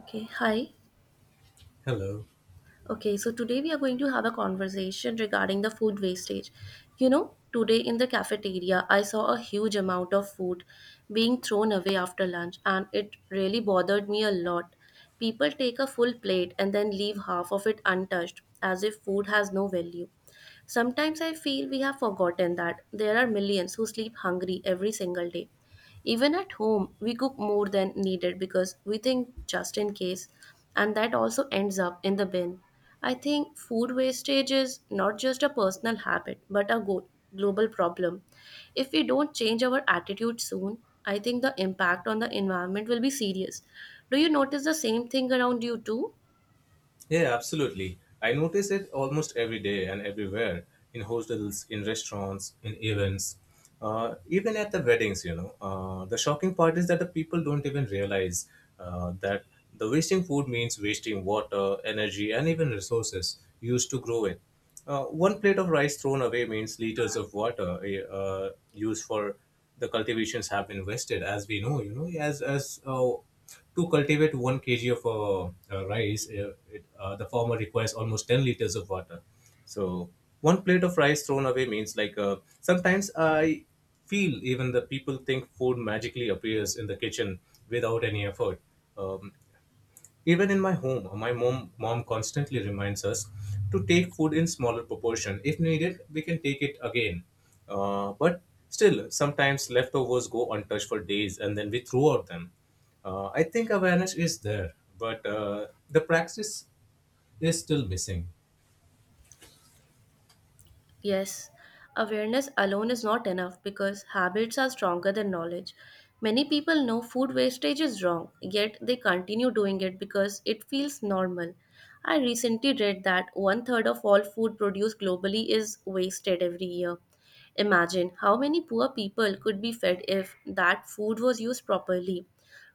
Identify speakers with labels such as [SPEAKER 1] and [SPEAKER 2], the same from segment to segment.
[SPEAKER 1] Okay, hi.
[SPEAKER 2] Hello.
[SPEAKER 1] Okay, so today we are going to have a conversation regarding the food wastage. You know, today in the cafeteria, I saw a huge amount of food being thrown away after lunch, and it really bothered me a lot. People take a full plate and then leave half of it untouched, as if food has no value. Sometimes I feel we have forgotten that there are millions who sleep hungry every single day. Even at home, we cook more than needed because we think just in case, and that also ends up in the bin. I think food wastage is not just a personal habit but a global problem. If we don't change our attitude soon, I think the impact on the environment will be serious. Do you notice the same thing around you too?
[SPEAKER 2] Yeah, absolutely. I notice it almost every day and everywhere in hostels, in restaurants, in events, even at the weddings, The shocking part is that the people don't even realize that the wasting food means wasting water, energy, and even resources used to grow it. One plate of rice thrown away means liters of water used for the cultivations have been wasted, as we know, as to cultivate 1 kg of rice, it, the farmer requires almost 10 liters of water. So, one plate of rice thrown away means like sometimes I feel even the people think food magically appears in the kitchen without any effort. Um, Even in my home, my mom constantly reminds us to take food in smaller proportion. If needed, we can take it again. But still, sometimes leftovers go untouched for days, and then we throw out them. I think awareness is there, but the practice is still missing.
[SPEAKER 1] Yes, awareness alone is not enough because habits are stronger than knowledge. Many people know food wastage is wrong, yet they continue doing it because it feels normal. I recently read that one third of all food produced globally is wasted every year. Imagine how many poor people could be fed if that food was used properly.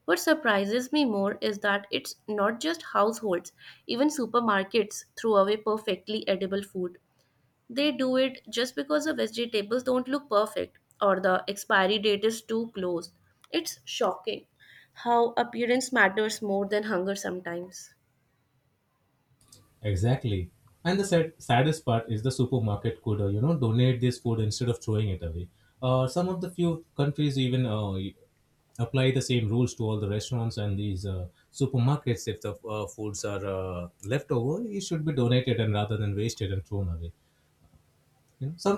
[SPEAKER 1] What surprises me more is that it's not just households, even supermarkets throw away perfectly edible food. They do it just because the vegetables don't look perfect or the expiry date is too close. It's shocking how appearance matters more than hunger sometimes.
[SPEAKER 2] Exactly. And the saddest part is the supermarket could, donate this food instead of throwing it away. Some of the few countries even apply the same rules to all the restaurants and these supermarkets. If the foods are left over, it should be donated and rather than wasted and thrown away, you know. Some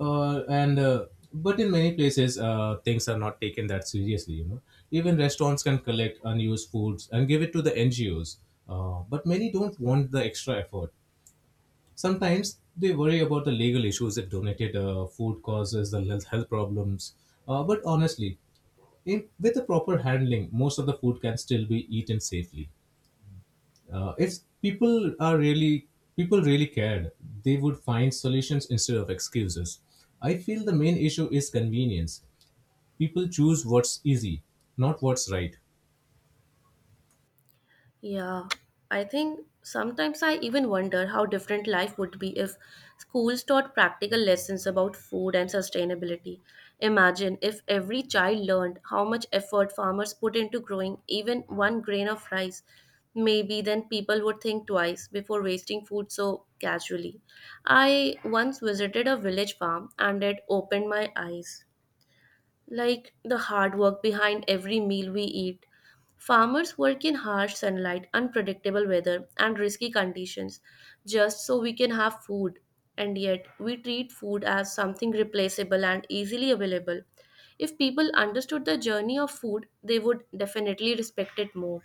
[SPEAKER 2] and But in many places things are not taken that seriously, you know. Even restaurants can collect unused foods and give it to the ngos, but many don't want the extra effort. Sometimes they worry about the legal issues that donated food causes, the health problems. But honestly, in with the proper handling most of the food can still be eaten safely. If people are really people really cared, they would find solutions instead of excuses. I feel the main issue is convenience. People choose what's easy, not what's right.
[SPEAKER 1] Yeah, I think sometimes I even wonder how different life would be if schools taught practical lessons about food and sustainability. Imagine if every child learned how much effort farmers put into growing even one grain of rice. Maybe then people would think twice before wasting food so casually. I once visited a village farm, and it opened my eyes like the hard work behind every meal we eat. Farmers work in harsh sunlight, unpredictable weather, and risky conditions just so we can have food. And yet, we treat food as something replaceable and easily available. If people understood the journey of food, they would definitely respect it more.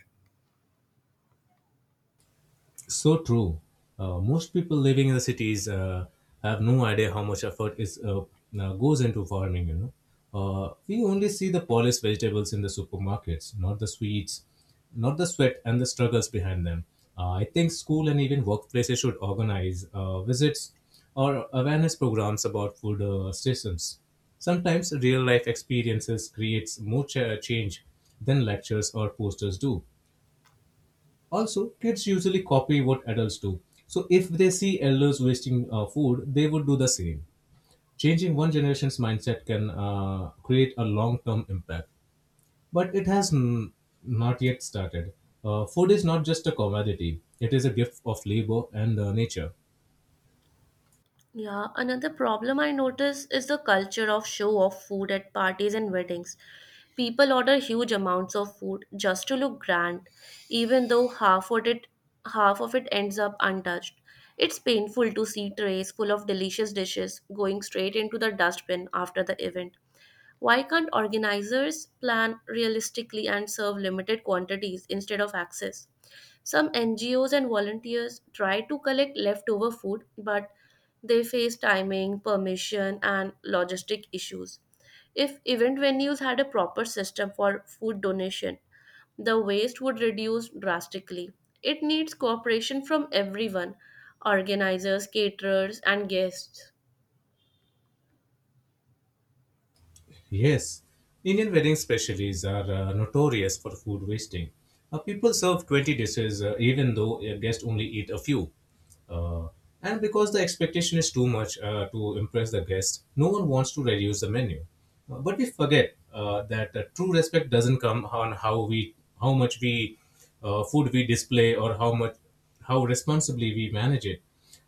[SPEAKER 2] So true. Most people living in the cities have no idea how much effort is goes into farming. You know, we only see the polished vegetables in the supermarkets, not the sweets, not the sweat and the struggles behind them. I think school and even workplaces should organize visits or awareness programs about food systems. Sometimes real life experiences creates more change than lectures or posters do. Also, kids usually copy what adults do. So if they see elders wasting food, they would do the same. Changing one generation's mindset can create a long term impact. But it not yet started. Food is not just a commodity, it is a gift of labor and nature.
[SPEAKER 1] Yeah, another problem I notice is the culture of show off food at parties and weddings. People order huge amounts of food just to look grand, even though half of it ends up untouched. It's painful to see trays full of delicious dishes going straight into the dustbin after the event. Why can't organizers plan realistically and serve limited quantities instead of excess? Some NGOs and volunteers try to collect leftover food, but they face timing, permission, and logistic issues. If event venues had a proper system for food donation, the waste would reduce drastically. It needs cooperation from everyone: organizers, caterers, and guests.
[SPEAKER 2] Yes, Indian wedding specialties are notorious for food wasting. People serve 20 dishes even though a guest only eat a few. Uh, and because the expectation is too much to impress the guest, no one wants to reduce the menu. But we forget that true respect doesn't come on how much food we display, or how responsibly we manage it.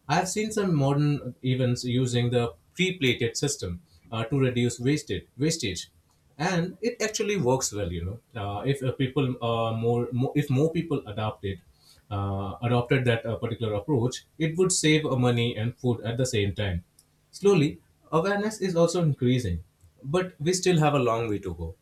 [SPEAKER 2] I have seen some modern events using the pre-plated system to reduce wasted wastage, and it actually works well. You know, if more people adopted that particular approach, it would save money and food at the same time. Slowly, awareness is also increasing, but we still have a long way to go.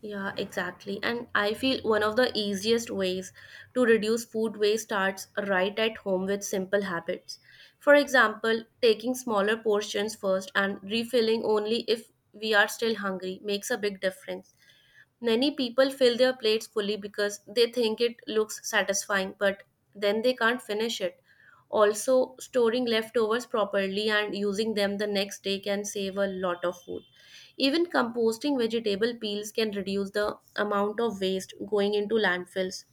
[SPEAKER 1] Yeah, exactly. And I feel one of the easiest ways to reduce food waste starts right at home with simple habits. For example, taking smaller portions first and refilling only if we are still hungry makes a big difference. Many people fill their plates fully because they think it looks satisfying, but then they can't finish it. Also, storing leftovers properly and using them the next day can save a lot of food. Even composting vegetable peels can reduce the amount of waste going into landfills.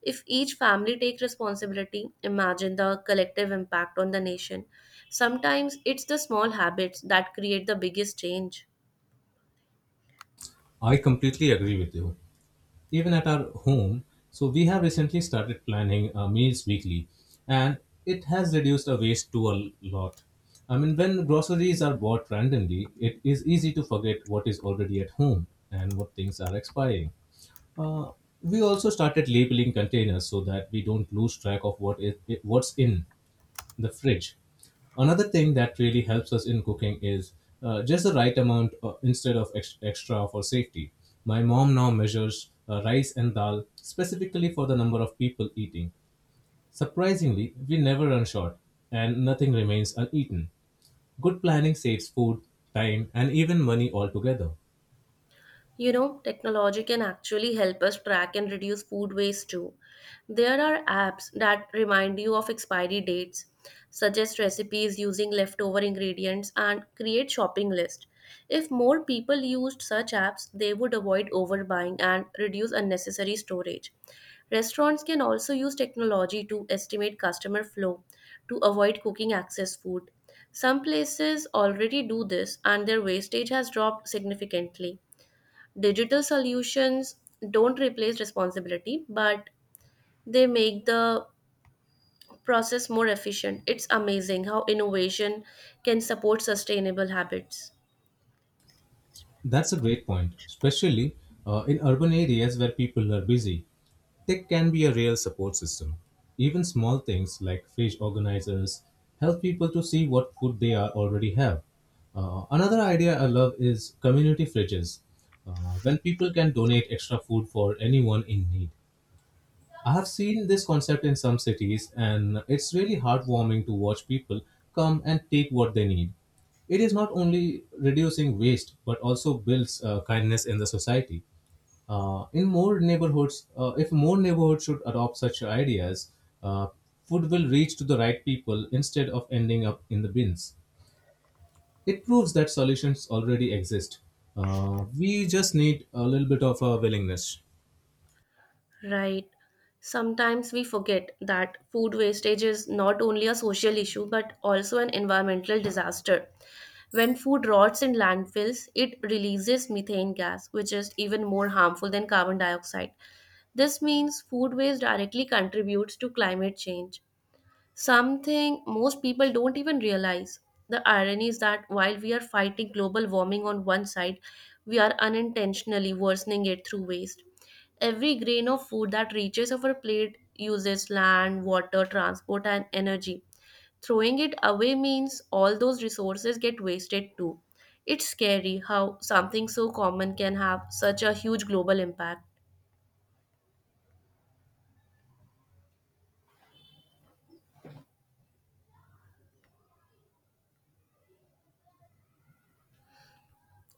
[SPEAKER 1] If each family takes responsibility, imagine the collective impact on the nation. Sometimes it's the small habits that create the biggest change.
[SPEAKER 2] I completely agree with you, even at our home. So we have recently started planning meals weekly, and it has reduced our waste to a lot. I mean, when groceries are bought randomly, it is easy to forget what is already at home and what things are expiring. Uh, we also started labeling containers so that we don't lose track of what's in the fridge. Another thing that really helps us in cooking is just the right amount instead of extra for safety. My mom now measures rice and dal specifically for the number of people eating. Surprisingly, we never run short and nothing remains uneaten. Good planning saves food, time, and even money altogether.
[SPEAKER 1] You know, technology can actually help us track and reduce food waste too. There are apps that remind you of expiry dates, suggest recipes using leftover ingredients, and create shopping lists. If more people used such apps, they would avoid overbuying and reduce unnecessary storage. Restaurants can also use technology to estimate customer flow to avoid cooking excess food. Some places already do this, and their wastage has dropped significantly. Digital solutions don't replace responsibility, but they make the process more efficient. It's amazing how innovation can support sustainable habits.
[SPEAKER 2] That's a great point, especially in urban areas where people are busy. Tech can be a real support system. Even small things like fish organizers help people to see what food they are already have. Another idea I love is community fridges, when people can donate extra food for anyone in need. I have seen this concept in some cities, and it's really heartwarming to watch people come and take what they need. It is not only reducing waste, but also builds kindness in the society. If more neighborhoods should adopt such ideas, uh, food will reach to the right people instead of ending up in the bins. It proves that solutions already exist. We just need a little bit of a willingness.
[SPEAKER 1] Right, sometimes we forget that food wastage is not only a social issue but also an environmental disaster. When food rots in landfills, it releases methane gas, which is even more harmful than carbon dioxide. This means food waste directly contributes to climate change, something most people don't even realize. The irony is that while we are fighting global warming on one side, we are unintentionally worsening it through waste. Every grain of food that reaches our plate uses land, water, transport, and energy. Throwing it away means all those resources get wasted too. It's scary how something so common can have such a huge global impact.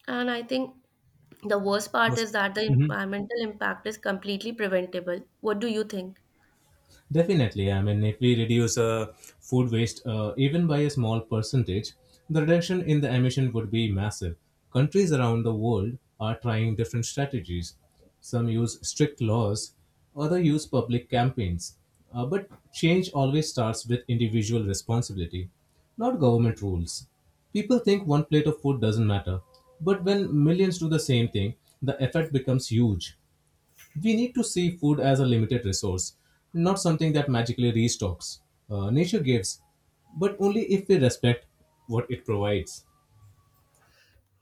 [SPEAKER 1] And I think the worst part is that the
[SPEAKER 2] Mhm.
[SPEAKER 1] environmental impact is completely preventable. What do you think?
[SPEAKER 2] Definitely. I mean, if we reduce food waste even by a small percentage, the reduction in the emission would be massive. Countries around the world are trying different strategies. Some use strict laws, others use public campaigns. But change always starts with individual responsibility, not government rules. People think one plate of food doesn't matter, but when millions do the same thing, the effect becomes huge. We need to see food as a limited resource, not something that magically restocks. Nature gives, but only if we respect what it provides.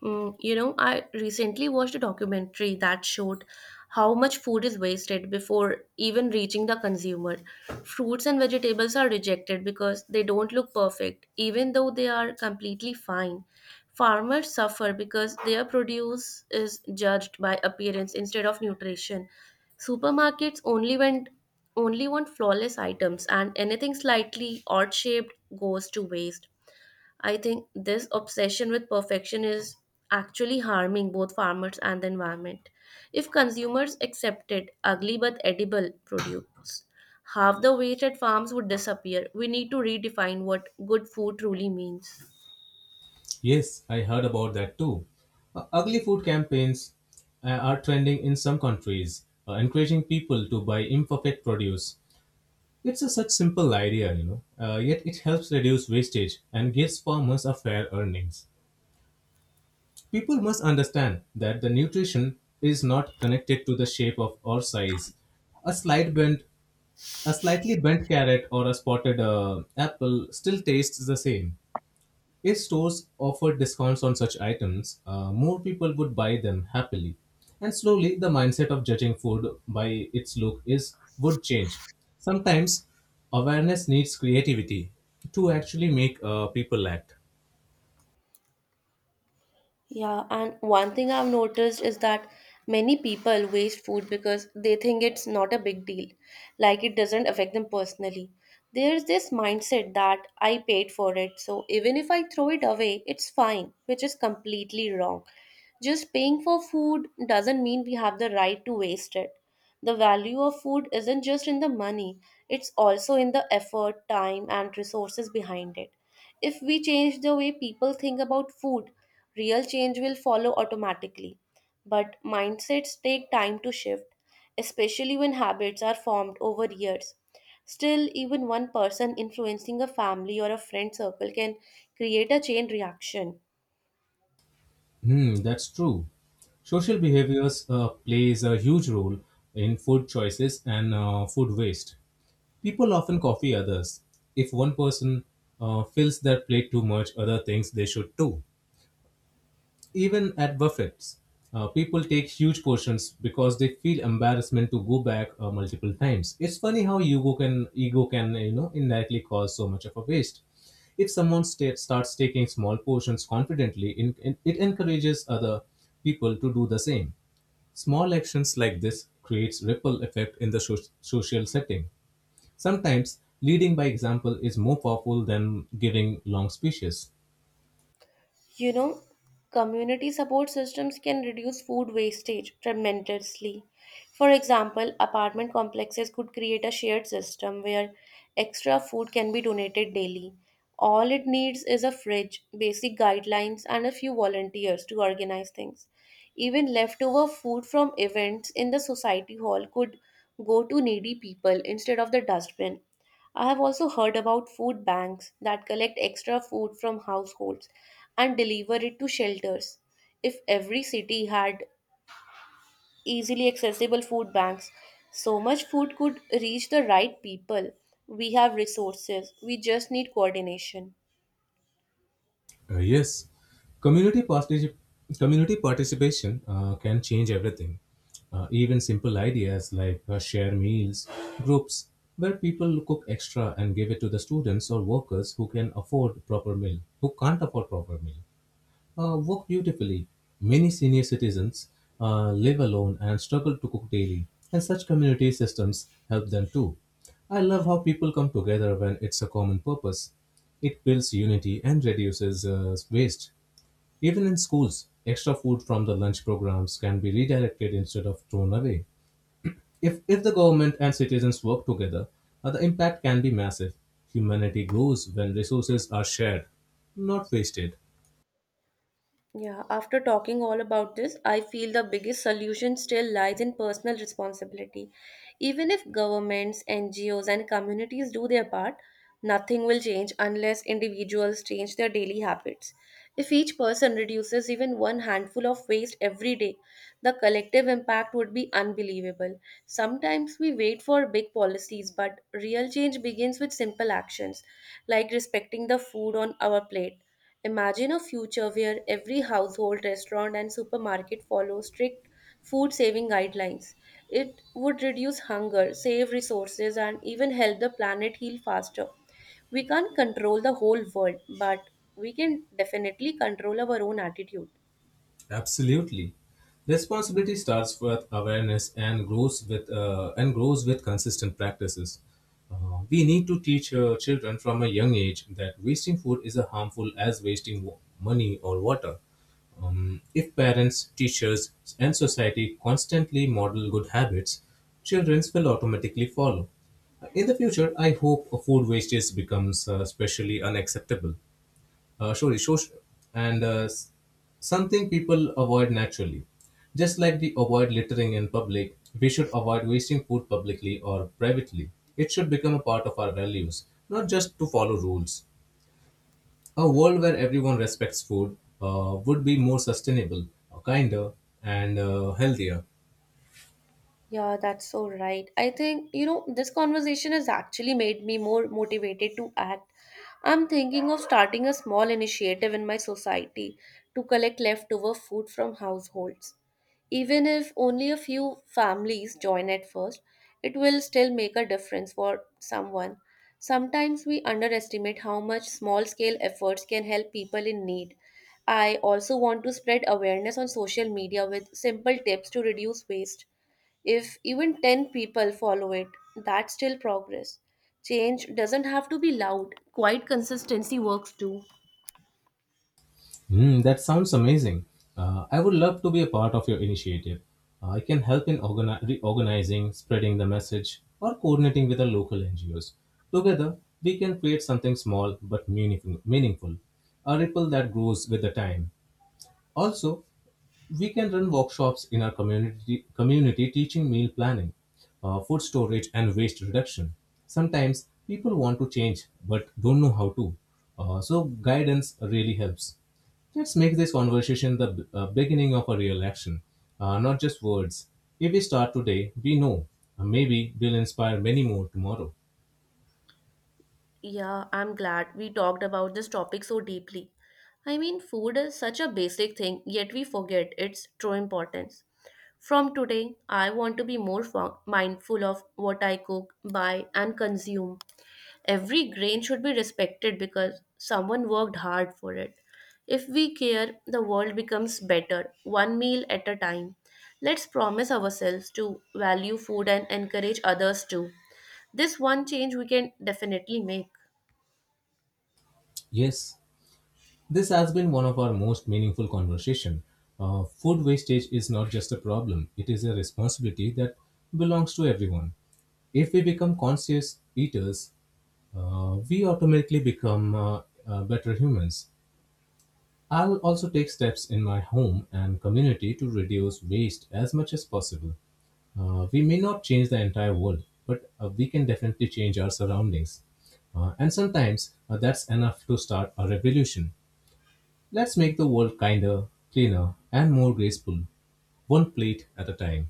[SPEAKER 1] Mm, you know, I recently watched a documentary that showed how much food is wasted before even reaching the consumer. Fruits and vegetables are rejected because they don't look perfect, even though they are completely fine. Farmers suffer because their produce is judged by appearance instead of nutrition. Supermarkets only want flawless items, and anything slightly odd shaped goes to waste. I think this obsession with perfection is actually harming both farmers and the environment. If consumers accepted ugly but edible produce, half the waste at farms would disappear. We need to redefine what good food truly means.
[SPEAKER 2] Yes, I heard about that too. Ugly food campaigns are trending in some countries, encouraging people to buy imperfect produce. It's a such simple idea, you know, yet it helps reduce wastage and gives farmers a fair earnings. People must understand that the nutrition is not connected to the shape of or size. A slight bent, a slightly bent carrot or a spotted apple still tastes the same. If stores offered discounts on such items, more people would buy them happily. And slowly, the mindset of judging food by its look is would change. Sometimes, awareness needs creativity to actually make people act.
[SPEAKER 1] Yeah, and one thing I've noticed is that many people waste food because they think it's not a big deal, like it doesn't affect them personally. There's this mindset that I paid for it, so even if I throw it away, it's fine, which is completely wrong. Just paying for food doesn't mean we have the right to waste it. The value of food isn't just in the money, it's also in the effort, time, and resources behind it. If we change the way people think about food, real change will follow automatically. But mindsets take time to shift, especially when habits are formed over years. Still, even one person influencing a family or a friend circle can create a chain reaction.
[SPEAKER 2] Hmm, that's true. Social behaviors plays a huge role in food choices and food waste. People often copy others. If one person fills their plate too much, other thinks they should too. Even at buffets, people take huge portions because they feel embarrassment to go back multiple times. It's funny how ego can indirectly cause so much of a waste. If someone starts taking small portions confidently, it encourages other people to do the same. Small actions like this creates ripple effect in the social setting. Sometimes leading by example is more powerful than giving long speeches.
[SPEAKER 1] You know, community support systems can reduce food wastage tremendously. For example, apartment complexes could create a shared system where extra food can be donated daily. All it needs is a fridge, basic guidelines, and a few volunteers to organize things. Even leftover food from events in the society hall could go to needy people instead of the dustbin. I have also heard about food banks that collect extra food from households and deliver it to shelters. If every city had easily accessible food banks, so much food could reach the right people. We have resources, we just need coordination.
[SPEAKER 2] Yes, community particip- community participation can change everything. Even simple ideas like share meals, groups where people cook extra and give it to the students or workers who can afford proper meal, who can't afford proper meal work beautifully. Many senior citizens live alone and struggle to cook daily, and such community systems help them too. I love how people come together when it's a common purpose. It builds unity and reduces waste. Even in schools, extra food from the lunch programs can be redirected instead of thrown away. If the government and citizens work together, the impact can be massive. Humanity grows when resources are shared, not wasted.
[SPEAKER 1] Yeah, after talking all about this, I feel the biggest solution still lies in personal responsibility. Even if governments, NGOs, and communities do their part, nothing will change unless individuals change their daily habits. If each person reduces even one handful of waste every day, the collective impact would be unbelievable. Sometimes we wait for big policies, but real change begins with simple actions, like respecting the food on our plate. Imagine a future where every household, restaurant, and supermarket follow strict food saving guidelines. It would reduce hunger, save resources, and even help the planet heal faster. We can't control the whole world, but we can definitely control our own attitude.
[SPEAKER 2] Absolutely. Responsibility starts with awareness and grows with consistent practices. We need to teach children from a young age that wasting food is as harmful as wasting money or water. If parents, teachers, and society constantly model good habits, children will automatically follow. In the future, I hope food wastage becomes especially unacceptable, social, and something people avoid naturally. Just like we avoid littering in public, we should avoid wasting food publicly or privately. It should become a part of our values, not just to follow rules. A world where everyone respects food would be more sustainable, kinder, and healthier.
[SPEAKER 1] Yeah, that's so right. I think, you know, this conversation has actually made me more motivated to act. I'm thinking of starting a small initiative in my society to collect leftover food from households. Even if only a few families join at first, it will still make a difference for someone. Sometimes we underestimate how much small scale efforts can help people in need. I also want to spread awareness on social media with simple tips to reduce waste. If even 10 people follow it, that's still progress. Change doesn't have to be loud, quiet consistency works too.
[SPEAKER 2] Hmm, that sounds amazing. I would love to be a part of your initiative. I can help in reorganizing, spreading the message, or coordinating with the local NGOs. Together, we can create something small but meaningful, a ripple that grows with the time. Also, we can run workshops in our community teaching meal planning, food storage, and waste reduction. Sometimes people want to change but don't know how to. So, guidance really helps. Let's make this conversation the beginning of a real action, not just words. If we start today, we know. Maybe we'll inspire many more tomorrow.
[SPEAKER 1] Yeah, I'm glad we talked about this topic so deeply. I mean, food is such a basic thing, yet we forget its true importance. From today, I want to be more mindful of what I cook, buy, and consume. Every grain should be respected because someone worked hard for it. If we care, the world becomes better, one meal at a time. Let's promise ourselves to value food and encourage others too. This one change we can definitely make.
[SPEAKER 2] Yes, this has been one of our most meaningful conversation. Food wastage is not just a problem; it is a responsibility that belongs to everyone. If we become conscious eaters, we automatically become better humans. I'll also take steps in my home and community to reduce waste as much as possible. We may not change the entire world, but we can definitely change our surroundings. And sometimes that's enough to start a revolution. Let's make the world kinder, cleaner, and more graceful, one plate at a time.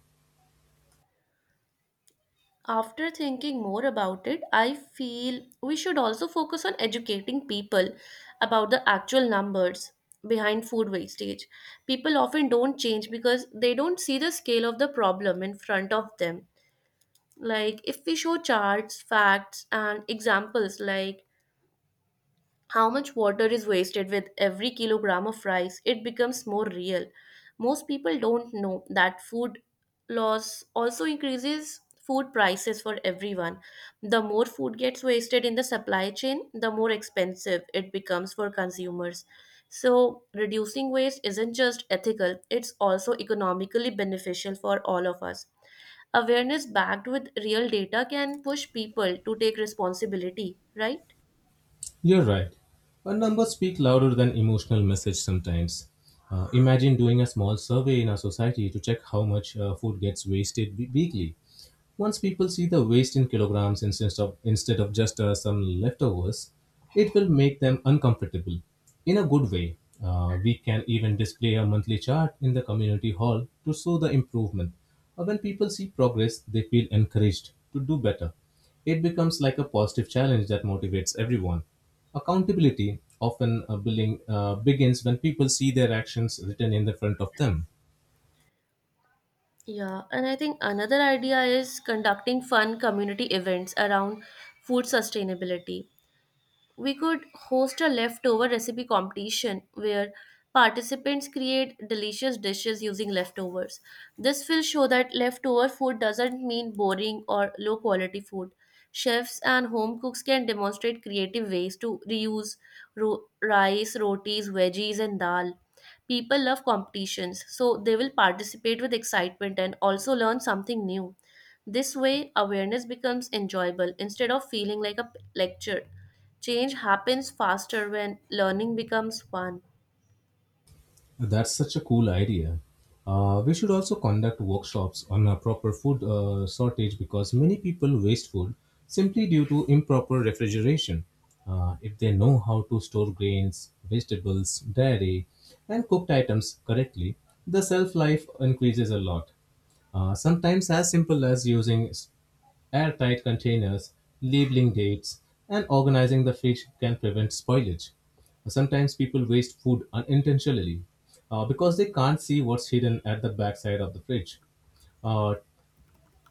[SPEAKER 1] After thinking more about it, I feel we should also focus on educating people about the actual numbers behind food wastage. People often don't change because they don't see the scale of the problem in front of them. Like if we show charts, facts and examples, like how much water is wasted with every kilogram of rice, it becomes more real. Most people don't know that food loss also increases food prices for everyone. The more food gets wasted in the supply chain, the more expensive it becomes for consumers. So reducing waste isn't just ethical, it's also economically beneficial for all of us. Awareness backed with real data can push people to take responsibility, right?
[SPEAKER 2] You're right. Our numbers speak louder than emotional message sometimes. Imagine doing a small survey in our society to check how much food gets weekly. Once people see the waste in kilograms instead of just some leftovers, it will make them uncomfortable in a good way. We can even display a monthly chart in the community hall to show the improvement. When people see progress, they feel encouraged to do better. It becomes like a positive challenge that motivates everyone. Accountability often begins when people see their actions written in the front of them.
[SPEAKER 1] Yeah, and I think another idea is conducting fun community events around food sustainability. We could host a leftover recipe competition where participants create delicious dishes using leftovers. This will show that leftover food doesn't mean boring or low quality food. Chefs and home cooks can demonstrate creative ways to reuse rice, rotis, veggies, and dal. People love competitions, so they will participate with excitement and also learn something new. This way, awareness becomes enjoyable instead of feeling like a lecture. Change happens faster when learning becomes fun.
[SPEAKER 2] That's such a cool idea. We should also conduct workshops on a proper food shortage because many people waste food simply due to improper refrigeration. If they know how to store grains, vegetables, dairy, and cooked items correctly, the shelf life increases a lot. Sometimes as simple as using airtight containers, labeling dates, and organizing the fish can prevent spoilage. Sometimes people waste food unintentionally because they can't see what's hidden at the backside of the fridge. Uh,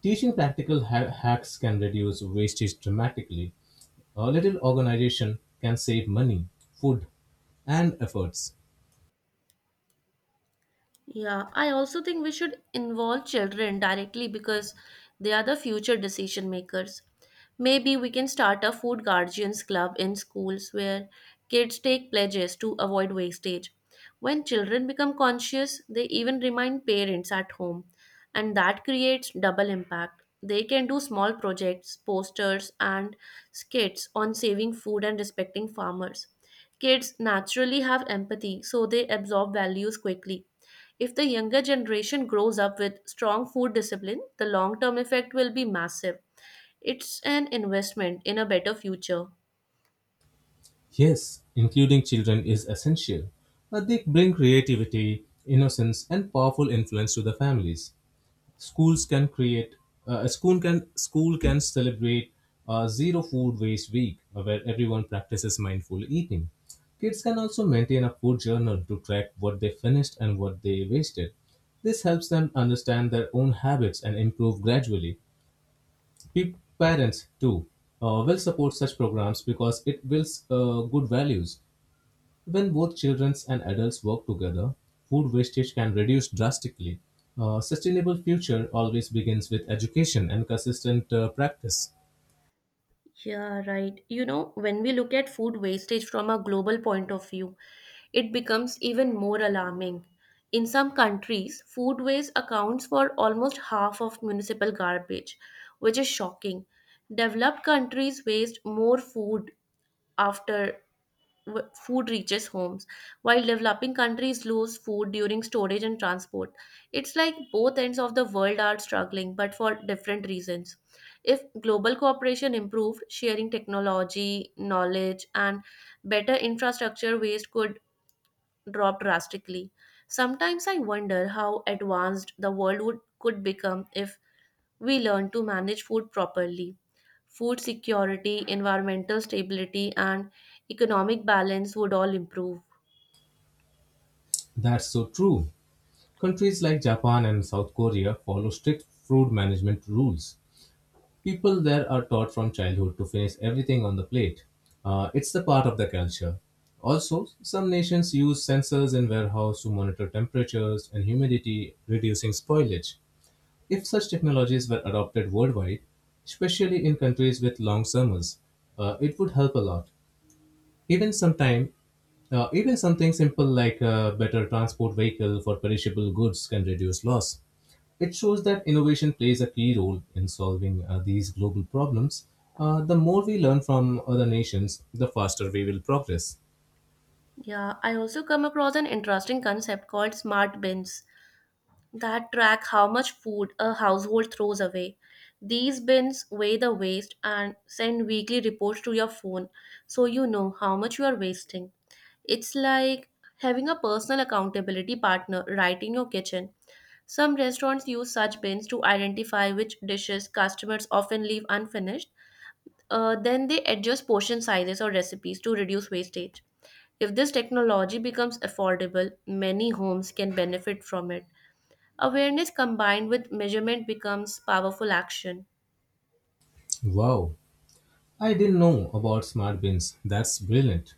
[SPEAKER 2] Teaching practical hacks can reduce wastage dramatically. A little organization can save money, food, and efforts.
[SPEAKER 1] Yeah, I also think we should involve children directly because they are the future decision makers. Maybe we can start a food guardians club in schools where kids take pledges to avoid wastage. When children become conscious, they even remind parents at home, and that creates double impact. They can do small projects, posters, and skits on saving food and respecting farmers. Kids naturally have empathy, so they absorb values quickly. If the younger generation grows up with strong food discipline, the long term effect will be massive. It's an investment in a better future.
[SPEAKER 2] Yes, including children is essential, but they bring creativity, innocence, and powerful influence to the families. Schools can create a school can celebrate a zero food waste week where everyone practices mindful eating. Kids can also maintain a food journal to track what they finished and what they wasted. This helps them understand their own habits and improve gradually. Parents, too, will support such programs because it builds good values. When both children and adults work together, food wastage can reduce drastically. A sustainable future always begins with education and consistent practice.
[SPEAKER 1] Yeah, right. You know, when we look at food wastage from a global point of view, it becomes even more alarming. In some countries, food waste accounts for almost half of municipal garbage, which is shocking. Developed countries waste more food after food reaches homes, while developing countries lose food during storage and transport. It's like both ends of the world are struggling, but for different reasons. If global cooperation improved, sharing technology, knowledge, and better infrastructure, waste could drop drastically. Sometimes I wonder how advanced the world could become if we learn to manage food properly. Food security, environmental stability, and economic balance would all improve.
[SPEAKER 2] That's so true. Countries like Japan and South Korea follow strict food management rules. People there are taught from childhood to finish everything on the plate. It's the part of the culture. Also, some nations use sensors in warehouse to monitor temperatures and humidity, reducing spoilage. If such technologies were adopted worldwide, especially in countries with long summers, it would help a lot. Even even something simple like a better transport vehicle for perishable goods can reduce loss. It shows that innovation plays a key role in solving these global problems. The more we learn from other nations, the faster we will progress.
[SPEAKER 1] Yeah, I also come across an interesting concept called smart bins, that track how much food a household throws away. These bins weigh the waste and send weekly reports to your phone so you know how much you are wasting. It's like having a personal accountability partner right in your kitchen. Some restaurants use such bins to identify which dishes customers often leave unfinished. Then they adjust portion sizes or recipes to reduce wastage. If this technology becomes affordable, many homes can benefit from it. Awareness combined with measurement becomes powerful action.
[SPEAKER 2] Wow, I didn't know about smart bins. That's brilliant.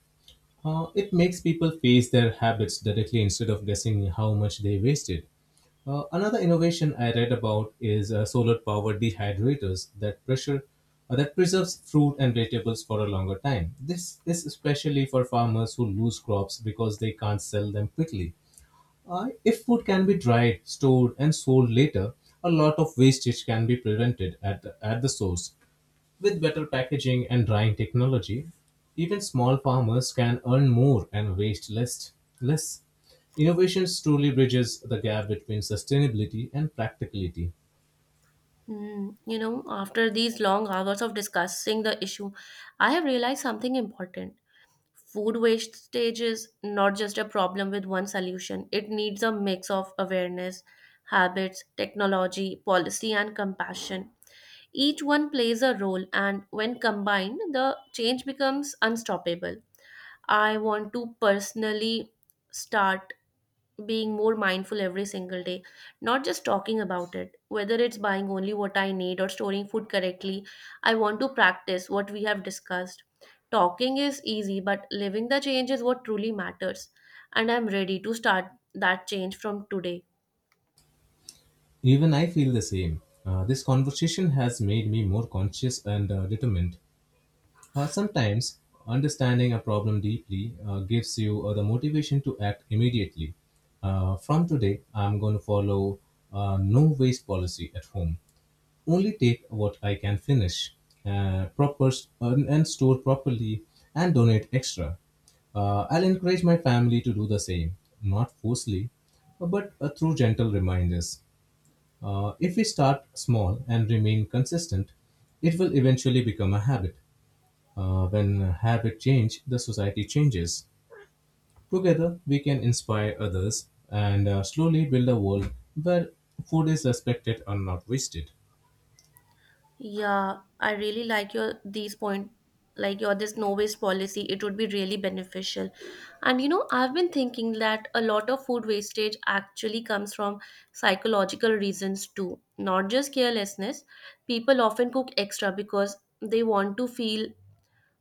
[SPEAKER 2] It makes people face their habits directly instead of guessing how much they wasted. Another innovation I read about is solar-powered dehydrators that pressure that preserves fruit and vegetables for a longer time. This is especially for farmers who lose crops because they can't sell them quickly. If food can be dried, stored, and sold later, a lot of wastage can be prevented at the source. With better packaging and drying technology, even small farmers can earn more and waste less. Innovations truly bridges the gap between sustainability and practicality.
[SPEAKER 1] Hmm, you know, after these long hours of discussing the issue, I have realized something important. Food wastage is not just a problem with one solution, it needs a mix of awareness, habits, technology, policy, and compassion. Each one plays a role, and when combined, the change becomes unstoppable. I want to personally start being more mindful every single day, not just talking about it. Whether it's buying only what I need or storing food correctly, I want to practice what we have discussed. Talking is easy, but living the change is what truly matters. And I'm ready to start that change from today.
[SPEAKER 2] Even I feel the same. This conversation has made me more conscious and determined. Sometimes, understanding a problem deeply gives you the motivation to act immediately. From today, I'm going to follow no waste policy at home. Only take what I can finish, uh, proper and store properly, and donate extra. I'll encourage my family to do the same, not forcefully, but through gentle reminders. If we start small and remain consistent, it will eventually become a habit. When habit change, the society changes. Together, we can inspire others and slowly build a world where food is respected and not wasted.
[SPEAKER 1] Yeah, I really like your these point, like your this no waste policy. It would be really beneficial. And you know, I've been thinking that a lot of food wastage actually comes from psychological reasons too, not just carelessness. People often cook extra because they want to feel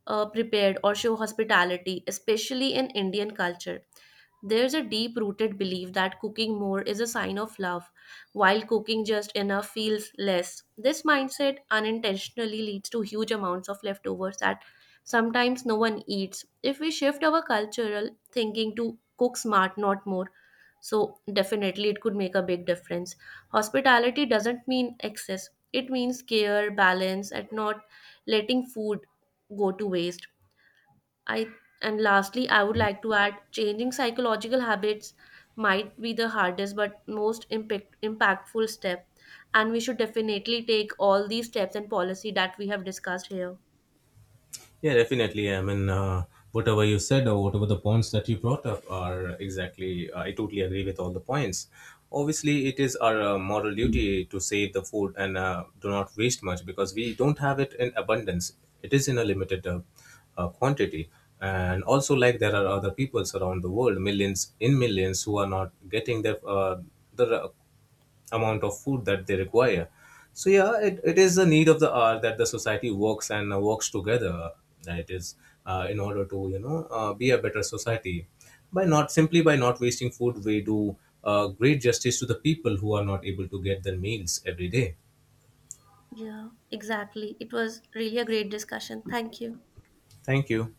[SPEAKER 1] prepared or show hospitality, especially in Indian culture. There's a deep rooted belief that cooking more is a sign of love, while cooking just enough feels less. This mindset unintentionally leads to huge amounts of leftovers that sometimes no one eats. If we shift our cultural thinking to cook smart, not more, so definitely it could make a big difference. Hospitality doesn't mean excess, it means care, balance, and not letting food go to waste. I And lastly, I would like to add, changing psychological habits might be the hardest but most impactful step, and we should definitely take all these steps and policy that we have discussed here.
[SPEAKER 2] Yeah, definitely. I mean, whatever you said or whatever the points that you brought up are exactly, I totally agree with all the points. Obviously, it is our moral duty to save the food and do not waste much because we don't have it in abundance. It is in a limited quantity. And also, like there are other peoples around the world, millions in millions, who are not getting their the amount of food that they require. So yeah, it is the need of the hour that the society works and works together. That it is in order to you know be a better society by not simply by not wasting food. We do great justice to the people who are not able to get their meals every day.
[SPEAKER 1] Yeah, exactly. It was really a great discussion. Thank you.
[SPEAKER 2] Thank you.